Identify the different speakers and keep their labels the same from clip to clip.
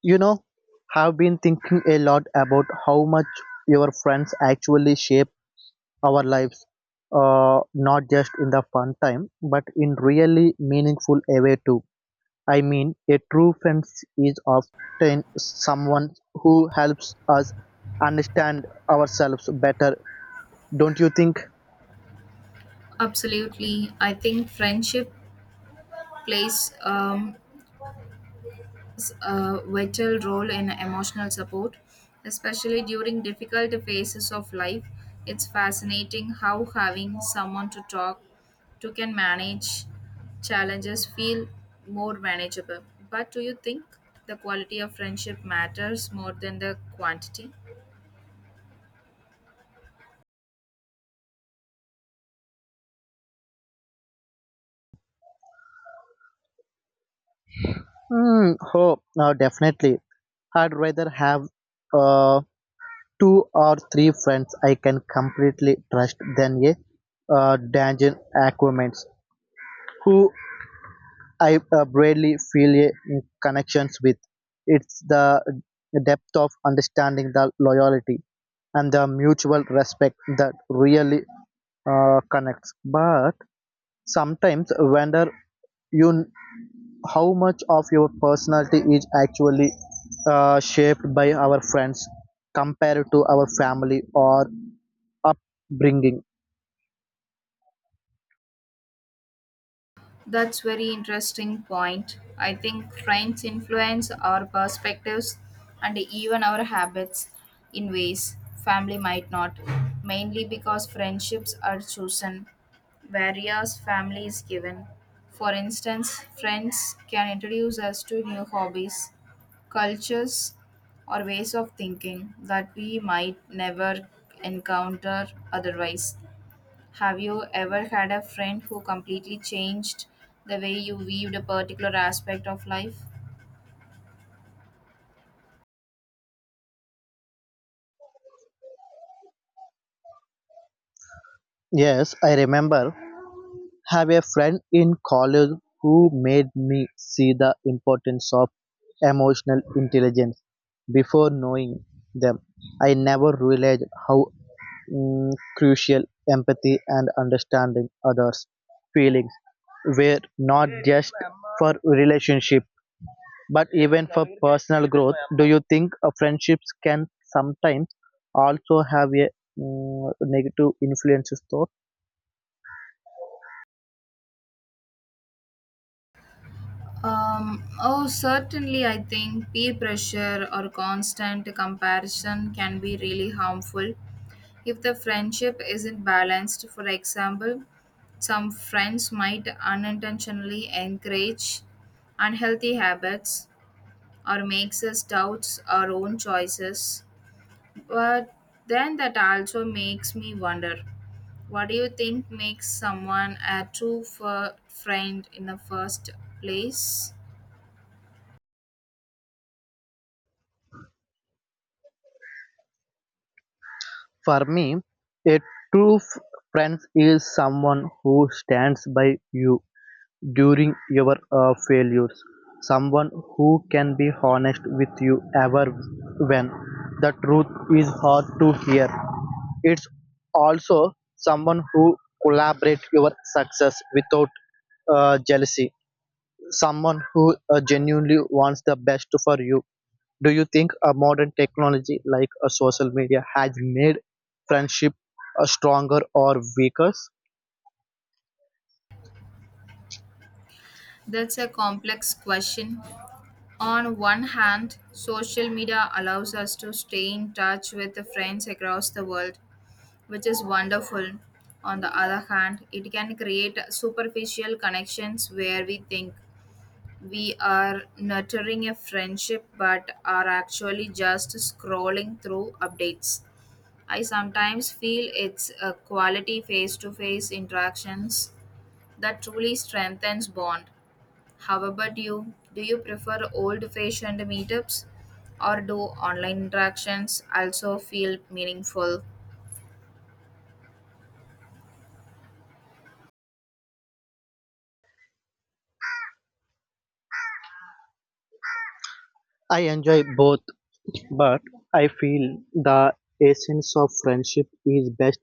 Speaker 1: You know, have been thinking a lot about how much your friends actually shape our lives, not just in the fun time, but in really meaningful a way too. I mean, a true friend is often someone who helps us understand ourselves better. Don't you think?
Speaker 2: Absolutely. I think friendship plays a vital role in emotional support, especially during difficult phases of life. It's fascinating how having someone to talk to can manage challenges feel more manageable. But do you think the quality of friendship matters more than the quantity?
Speaker 1: Hmm. Oh, no, definitely. I'd rather have uh, two or three friends I can completely trust than a dungeon acquaintance who I barely feel a connections with. It's the depth of understanding the loyalty and the mutual respect that really connects. But sometimes wonder you how much of your personality is actually shaped by our friends compared to our family or upbringing.
Speaker 2: That's very interesting point. I think friends influence our perspectives and even our habits in ways family might not, mainly because friendships are chosen, whereas family is given. For instance, friends can introduce us to new hobbies, cultures, or ways of thinking that we might never encounter otherwise. Have you ever had a friend who completely changed the way you viewed a particular aspect of life?
Speaker 1: Yes, I remember have a friend in college who made me see the importance of emotional intelligence before knowing them. I never realized how crucial empathy and understanding others' feelings were not just for relationship but even for personal growth. Do you think friendships can sometimes also have a negative influences though?
Speaker 2: Oh, Certainly, I think peer pressure or constant comparison can be really harmful. If the friendship isn't balanced, for example, some friends might unintentionally encourage unhealthy habits or makes us doubt our own choices. But then that also makes me wonder, what do you think makes someone a friend in the first place?
Speaker 1: For me, a true f- friend is someone who stands by you during your failures, someone who can be honest with you ever when the truth is hard to hear. It's also someone who collaborates your success without jealousy, someone who genuinely wants the best for you. Do you think a modern technology like a social media has made friendship stronger or weaker?
Speaker 2: That's a complex question. On one hand, social media allows us to stay in touch with the friends across the world, which is wonderful. On the other hand, it can create superficial connections where we think we are nurturing a friendship but are actually just scrolling through updates. I sometimes feel it's a quality face to face interactions that truly strengthens bond. How about you? Do you prefer old fashioned meetups or do online interactions also feel meaningful?
Speaker 1: I enjoy both, but I feel the essence of friendship is best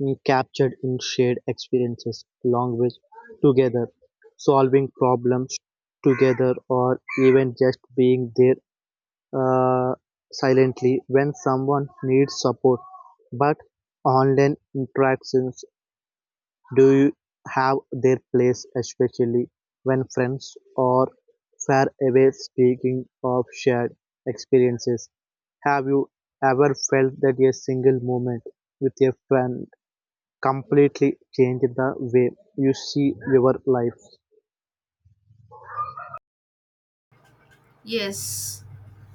Speaker 1: captured in shared experiences, long ways together, solving problems together, or even just being there uh, silently when someone needs support. But online interactions do you have their place, especially when friends are far away. Speaking of shared experiences, have you ever felt that a single moment with a friend completely changed the way you see your life?
Speaker 2: Yes.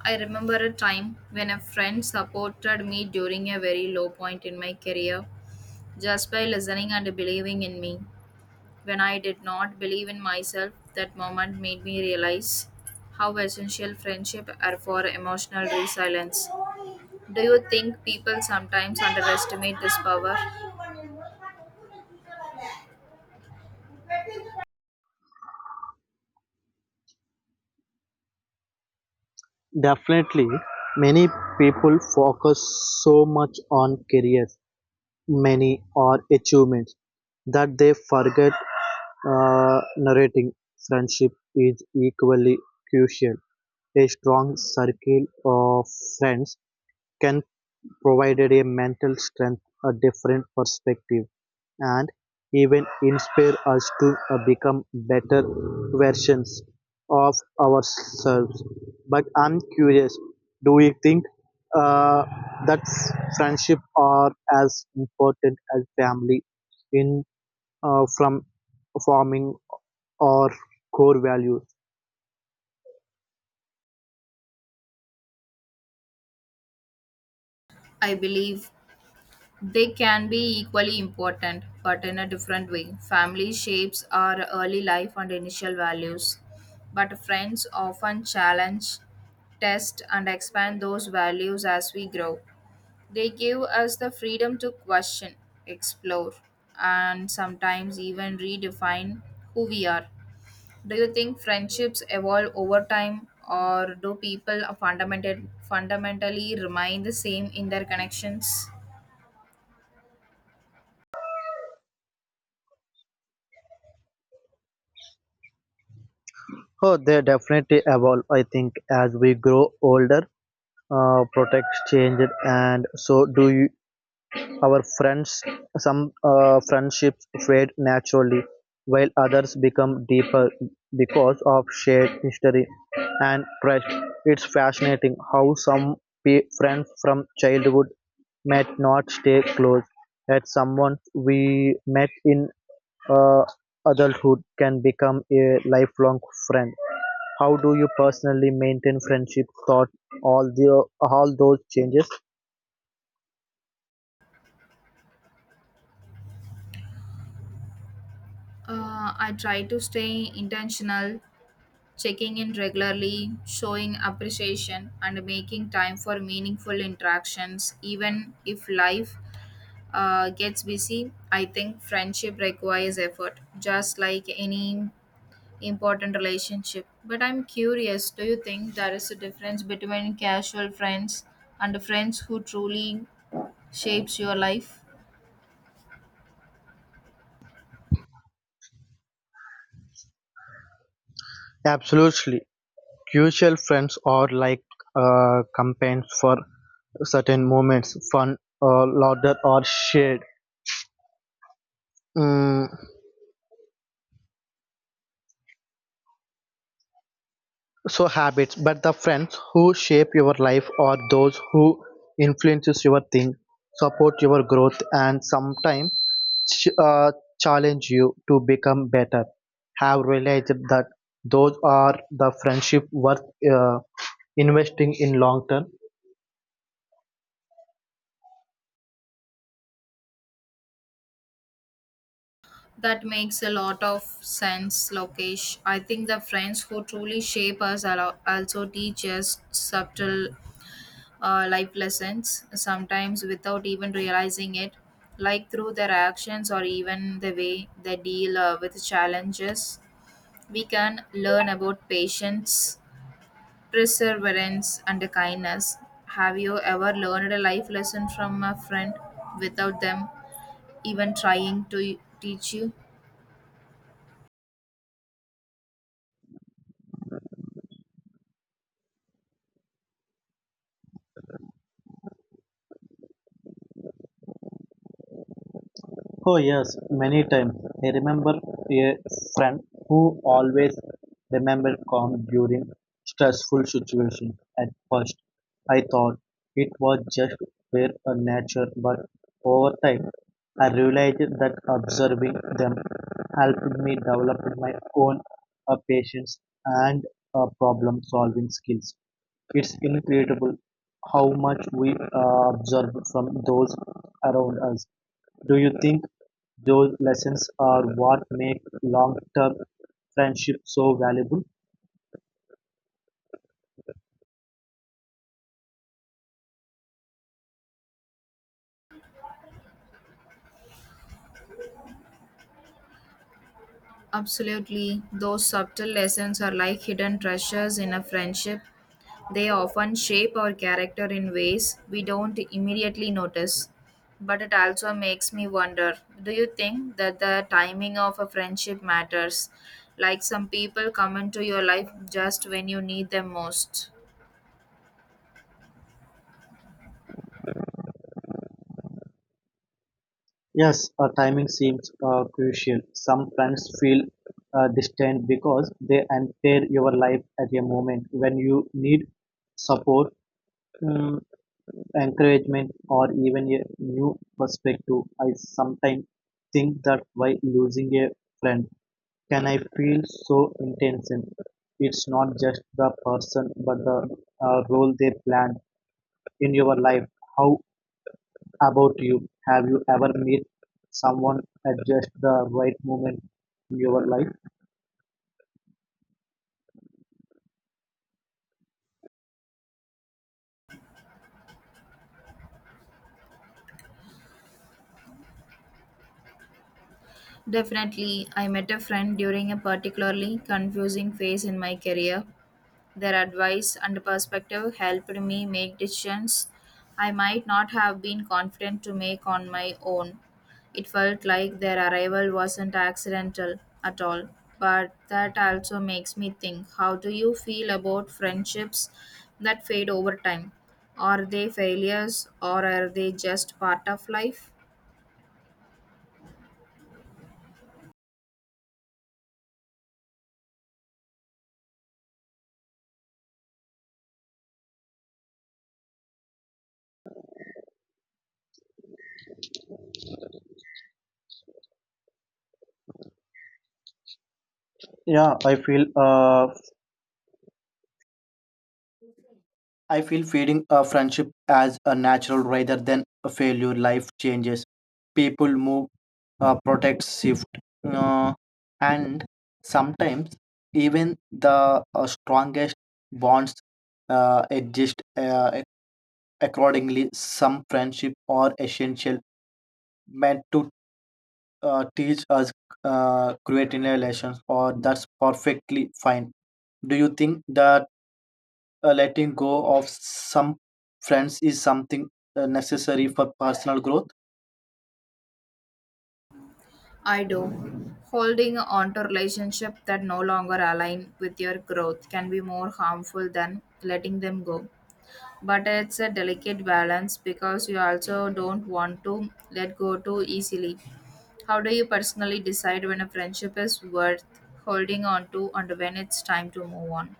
Speaker 2: I remember a time when a friend supported me during a very low point in my career just by listening and believing in me, when I did not believe in myself. That moment made me realize how essential friendship are for emotional resilience. Do you think people sometimes underestimate this power?
Speaker 1: Definitely. Many people focus so much on career. Many are achievements that they forget narrating; friendship is equally crucial; a strong circle of friends can provided a mental strength, a different perspective, and even inspire us to become better versions of ourselves. But I'm curious, do you think uh, that friendship are as important as family in from forming our core values?
Speaker 2: I believe they can be equally important, but in a different way. Family shapes our early life and initial values, but friends often challenge, test, and expand those values as we grow. They give us the freedom to question, explore, and sometimes even redefine who we are. Do you think friendships evolve over time, or do people fundamentally remain the same in their connections?
Speaker 1: Oh, they definitely evolve. I think as we grow older, protects change, and so do you. Our friends some friendships fade naturally, while others become deeper because of shared history and trust. It's fascinating how some friends from childhood might not stay close, yet someone we met in uh, adulthood can become a lifelong friend. How do you personally maintain friendship thought all those changes?
Speaker 2: I try to stay intentional, checking in regularly, showing appreciation, and making time for meaningful interactions. Even if life gets busy, I think friendship requires effort, just like any important relationship. But I'm curious, do you think there is a difference between casual friends and friends who truly shapes your life?
Speaker 1: Absolutely. Crucial friends are like companions for certain moments, fun, laughter, or shared mm, so habits. But the friends who shape your life are those who influences your thing, support your growth, and sometimes ch- uh, challenge you to become better. Have realized that those are the friendship worth uh, investing in long term.
Speaker 2: That makes a lot of sense, Lokesh. I think the friends who truly shape us also teach us subtle life lessons, sometimes without even realizing it, like through their actions or even the way they deal with challenges. We can learn about patience, perseverance, and kindness. Have you ever learned a life lesson from a friend without them even trying to teach you?
Speaker 1: Oh yes, many times. I remember a friend who always remembered calm during stressful situations. At first, I thought it was just their nature, but over time, I realized that observing them helped me develop my own patience and problem-solving skills. It's incredible how much we observe from those around us. Do you think? Those lessons are what make long-term friendship so valuable.
Speaker 2: Absolutely. Those subtle lessons are like hidden treasures in a friendship. They often shape our character in ways we don't immediately notice. But it also makes me wonder, do you think that the timing of a friendship matters? Like some people come into your life just when you need them most.
Speaker 1: Yes, timing seems crucial. Some friends feel distant because they enter your life at a moment when you need support, um, encouragement, or even a new perspective. I sometimes think that why losing a friend can I feel so intense. It's not just the person, but the role they planned in your life. How about you? Have you ever met someone at just the right moment in your life?
Speaker 2: Definitely, I met a friend during a particularly confusing phase in my career. Their advice and perspective helped me make decisions I might not have been confident to make on my own. It felt like their arrival wasn't accidental at all. But that also makes me think, how do you feel about friendships that fade over time? Are they failures or are they just part of life?
Speaker 1: Yeah, I feel feeding a friendship as a natural rather than a failure. Life changes, people move, protects shift, uh, and sometimes even the strongest bonds exist accordingly. Some friendship are essential, meant to teach us creating relations, or that's perfectly fine. Do you think that letting go of some friends is something necessary for personal growth?
Speaker 2: I do. Holding on to relationships that no longer align with your growth can be more harmful than letting them go. But it's a delicate balance because you also don't want to let go too easily. How do you personally decide when a friendship is worth holding on to and when it's time to move on?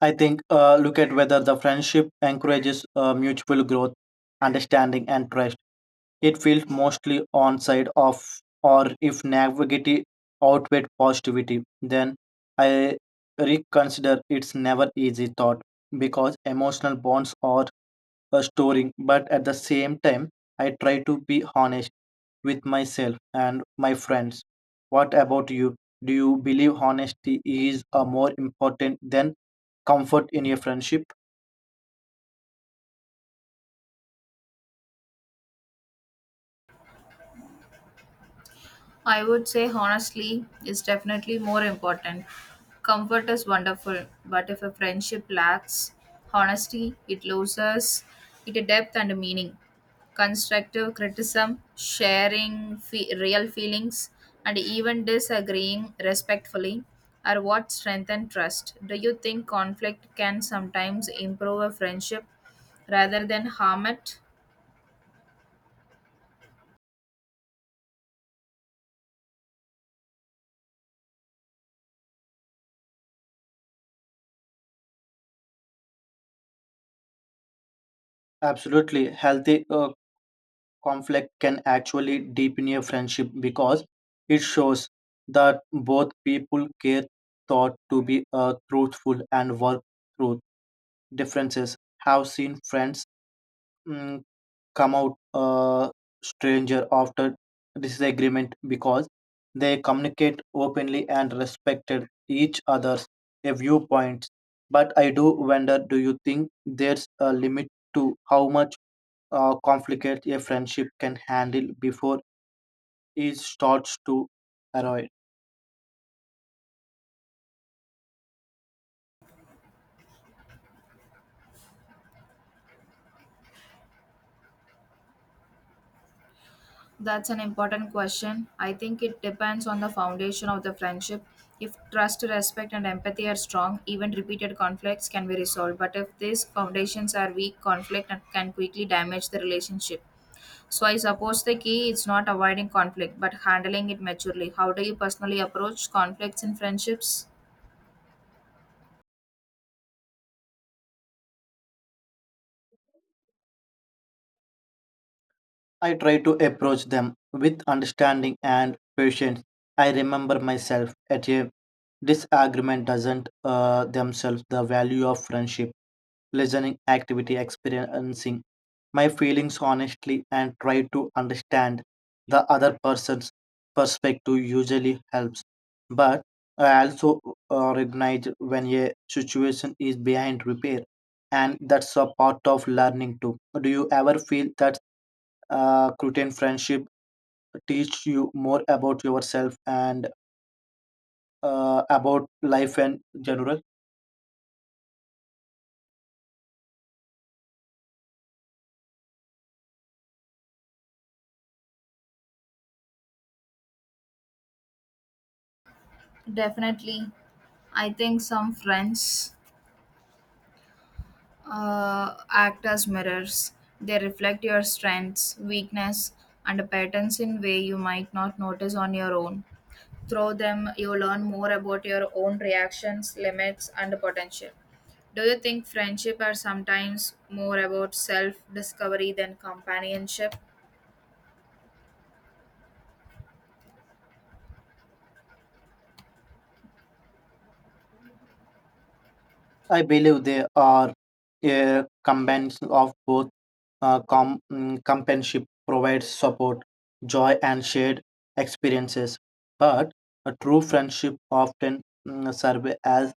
Speaker 1: I think look at whether the friendship encourages mutual growth, understanding, and trust. It feels mostly on side of or if negativity outweighs positivity, then I reconsider. It's never easy thought because emotional bonds are storing, but at the same time, I try to be honest with myself and my friends. What about you? Do you believe honesty is more important than comfort in a friendship?
Speaker 2: I would say honestly is definitely more important. Comfort is wonderful, but if a friendship lacks honesty, it loses its depth and meaning. Constructive criticism, sharing real feelings, and even disagreeing respectfully are what strengthen trust. Do you think conflict can sometimes improve a friendship rather than harm it?
Speaker 1: Absolutely. Healthy conflict can actually deepen a friendship because it shows that both people care thought to be truthful and work through differences. Have seen friends mm, come out stranger after disagreement because they communicate openly and respected each other's viewpoints. But I do wonder, do you think there's a limit to how much conflict a friendship can handle before it starts to arrive?
Speaker 2: That's an important question. I think it depends on the foundation of the friendship. If trust, respect, and empathy are strong, even repeated conflicts can be resolved. But if these foundations are weak, conflict can quickly damage the relationship. So I suppose the key is not avoiding conflict, but handling it maturely. How do you personally approach conflicts in friendships?
Speaker 1: I try to approach them with understanding and patience. I remember myself at a disagreement doesn't themselves the value of friendship. Listening activity, experiencing my feelings honestly, and try to understand the other person's perspective usually helps. But I also recognize when a situation is behind repair, and that's a part of learning too. Do you ever feel that Cretan friendship teach you more about yourself and about life in general?
Speaker 2: Definitely. I think some friends act as mirrors. They reflect your strengths, weakness, and patterns in way you might not notice on your own. Through them, you learn more about your own reactions, limits, and potential. Do you think friendship are sometimes more about self discovery than companionship?
Speaker 1: I believe they are a combination of both. Companionship provides support, joy, and shared experiences. But a true friendship often serves as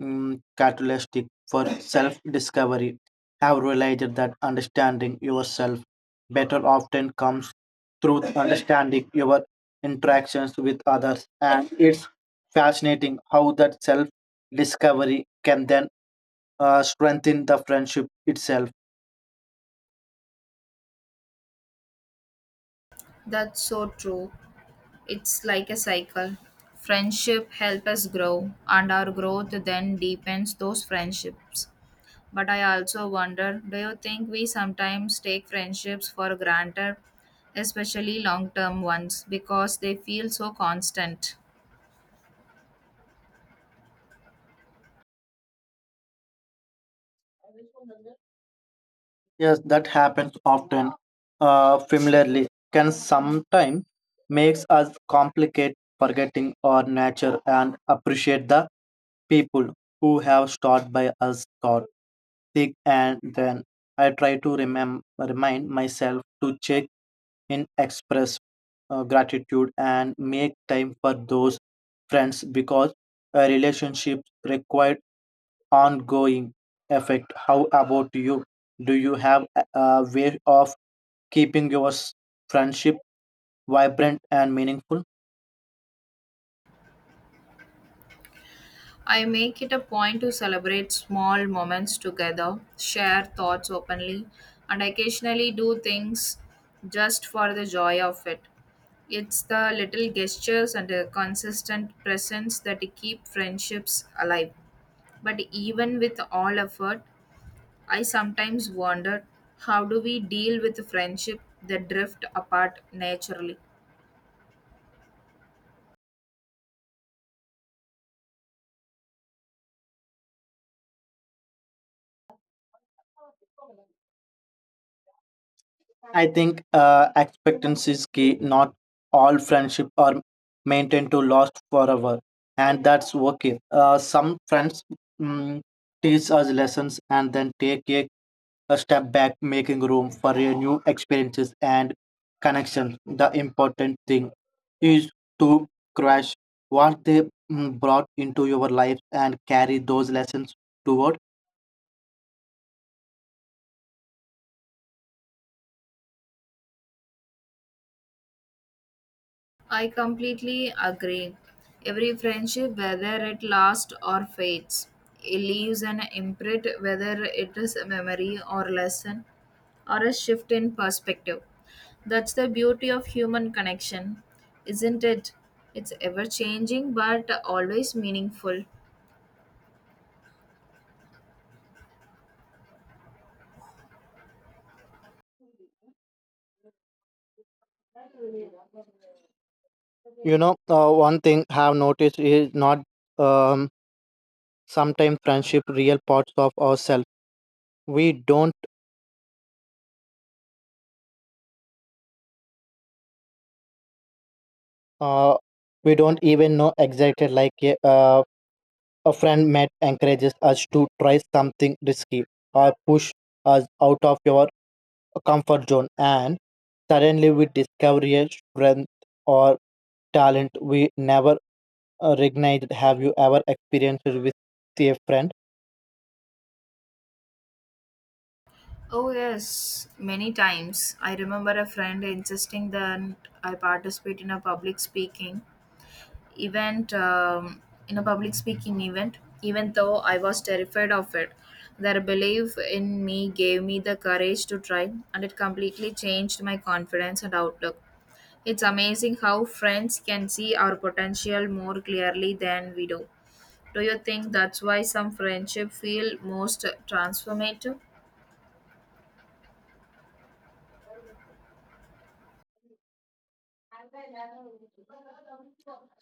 Speaker 1: catalyst for self discovery. Have realized that understanding yourself better often comes through understanding your interactions with others, and it's fascinating how that self discovery can then strengthen the friendship itself.
Speaker 2: That's so true. It's like a cycle. Friendship help us grow, and our growth then deepens those friendships. But I also wonder, do you think we sometimes take friendships for granted, especially long term ones, because they feel so constant?
Speaker 1: Yes, that happens often. Familiarly, can sometimes makes us complicate forgetting our nature and appreciate the people who have stood by us thought thick and then. I try to remind myself to check in, express gratitude, and make time for those friends because a relationship requires ongoing effect. How about you? Do you have a way of keeping your friendship vibrant and meaningful?
Speaker 2: I make it a point to celebrate small moments together, share thoughts openly, and occasionally do things just for the joy of it. It's the little gestures and the consistent presence that keep friendships alive. But even with all effort, I sometimes wonder, how do we deal with friendship that drift apart naturally.
Speaker 1: I think expectancy is key. Not all friendship are maintained to last forever, and that's okay. Some friends mm, teach us lessons and then take a step back, making room for a new experiences and connections. The important thing is to crash what they brought into your life and carry those lessons toward.
Speaker 2: I completely agree. Every friendship, whether it lasts or fades, it leaves an imprint, whether it is a memory or lesson or a shift in perspective. That's the beauty of human connection, isn't it? It's ever changing but always meaningful.
Speaker 1: You know, one thing I have noticed is not. Um, Sometimes friendship real parts of ourselves we don't uh, we don't even know exactly like a friend met encourages us to try something risky or push us out of your comfort zone and suddenly we discover a strength or talent we never recognized. Have you ever experienced it with a friend?
Speaker 2: Oh, yes, many times. I remember a friend insisting that I participate in a public speaking event, even though I was terrified of it. Their belief in me gave me the courage to try, and it completely changed my confidence and outlook. It's amazing how friends can see our potential more clearly than we do. Do you think that's why some friendship feel most transformative?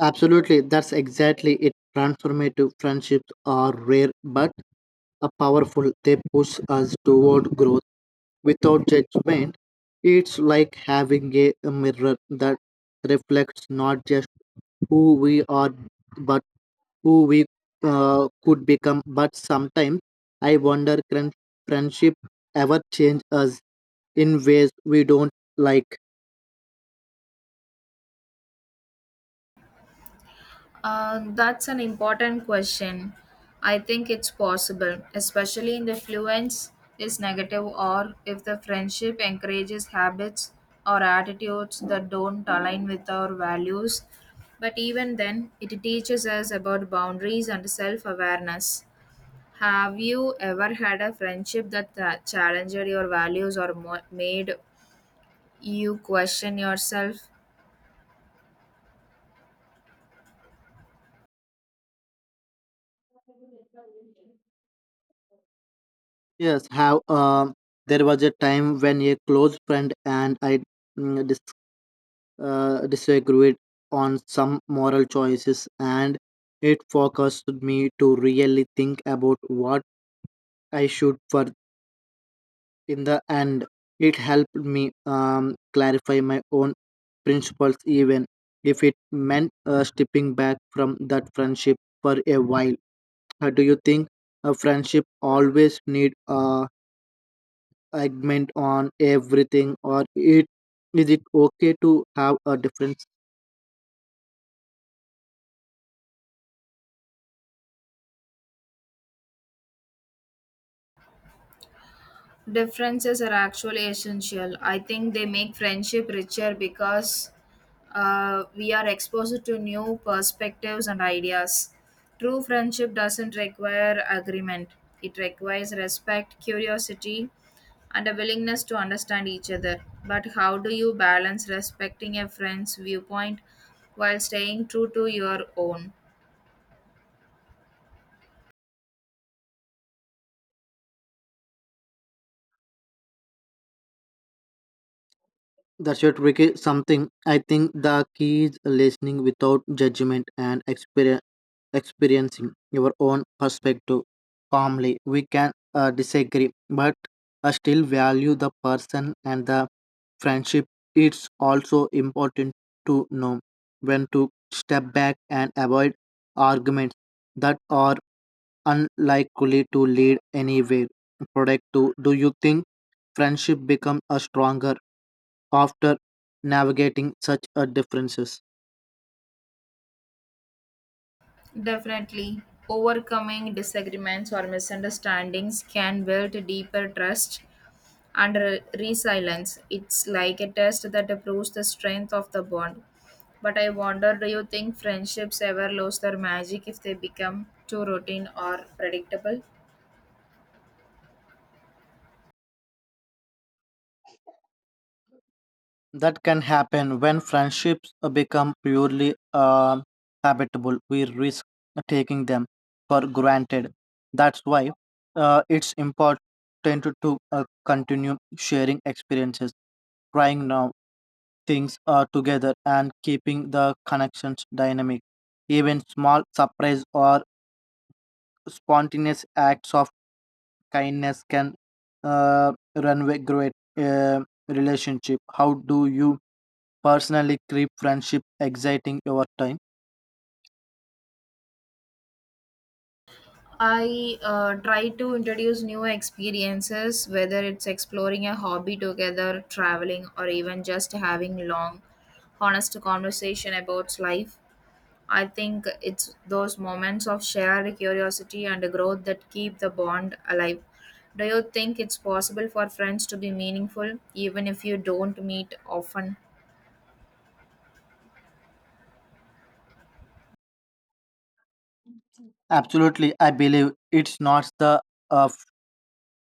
Speaker 1: Absolutely, that's exactly it. Transformative friendships are rare but are powerful. They push us toward growth without judgment. It's like having a mirror that reflects not just who we are, but who we could become. But sometimes I wonder, can friendship ever change us in ways we don't like?
Speaker 2: That's an important question. I think it's possible, especially in the fluence is negative or if the friendship encourages habits or attitudes that don't align with our values. But even then, it teaches us about boundaries and self awareness. Have you ever had a friendship that challenged your values or made you question yourself?
Speaker 1: Yes, how there was a time when a close friend and I mm, disagreed on some moral choices, and it forced me to really think about what I should for in the end. It helped me clarify my own principles, even if it meant stepping back from that friendship for a while. Do you think a friendship always need a agreement on everything, or it okay to have a different?
Speaker 2: Differences are actually essential. I think they make friendship richer because we are exposed to new perspectives and ideas. True friendship doesn't require agreement, it requires respect, curiosity, and a willingness to understand each other. But how do you balance respecting a friend's viewpoint while staying true to your own?
Speaker 1: That's your tricky something. I think the key is listening without judgment and experiencing your own perspective calmly. We can disagree, but I still value the person and the friendship. It's also important to know when to step back and avoid arguments that are unlikely to lead anywhere productive. Do you think friendship becomes a stronger after navigating such a differences?
Speaker 2: Definitely, overcoming disagreements or misunderstandings can build deeper trust and resilience. It's like a test that proves the strength of the bond. But I wonder, do you think friendships ever lose their magic if they become too routine or predictable?
Speaker 1: That can happen when friendships become purely habitable. We risk taking them for granted. That's why it's important to continue sharing experiences, trying now things together, and keeping the connections dynamic. Even small surprise or spontaneous acts of kindness can run a great relationship. How do you personally keep friendship exciting over time?
Speaker 2: I try to introduce new experiences, whether it's exploring a hobby together, traveling, or even just having long, honest conversation about life. I think it's those moments of shared curiosity and growth that keep the bond alive. Do you think it's possible for friends to be meaningful even if you don't meet often?
Speaker 1: Absolutely, I believe it's not the uh,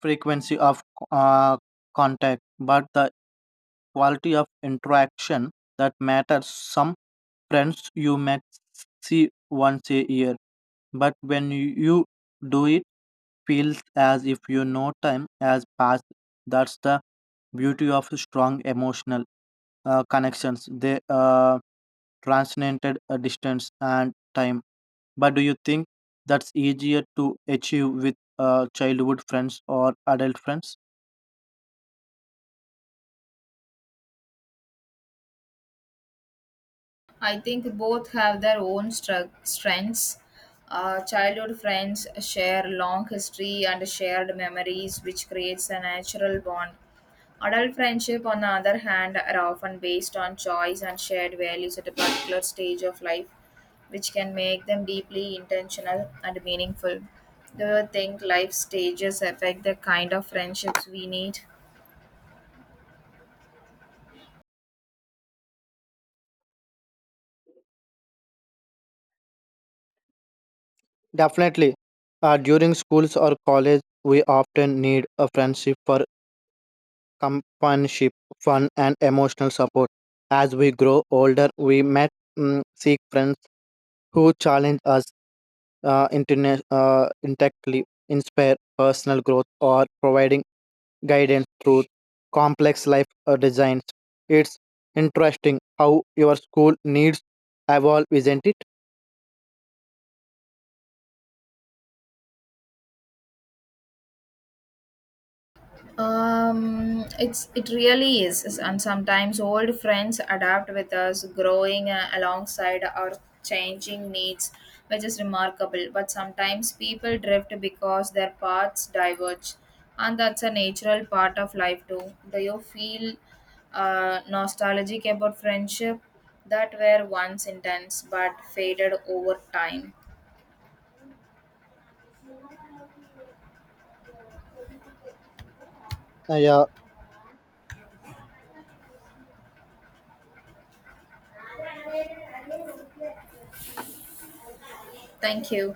Speaker 1: frequency of uh, contact, but the quality of interaction that matters. Some friends you may see once a year, but when you do it feels as if you know time has passed. That's the beauty of strong emotional connections. They transcended a distance and time. But do you think that's easier to achieve with childhood friends or adult friends?
Speaker 2: I think both have their own strengths. Childhood friends share long history and shared memories, which creates a natural bond. Adult friendship, on the other hand, are often based on choice and shared values at a particular stage of life, which can make them deeply intentional and meaningful. Do you think life stages affect the kind of friendships we need?
Speaker 1: Definitely. During schools or college, we often need a friendship for companionship, fun, and emotional support. As we grow older, we met seek friends who challenge us internet. Intactly inspire personal growth or providing guidance through complex life designs. It's interesting how your school needs evolve, isn't it?
Speaker 2: It's it really is- and sometimes old friends adapt with us, growing alongside our changing needs, which is remarkable. But sometimes people drift because their paths diverge, and that's a natural part of life too. Do you feel nostalgic about friendship that were once intense but faded over time?
Speaker 1: Yeah,
Speaker 2: Thank you.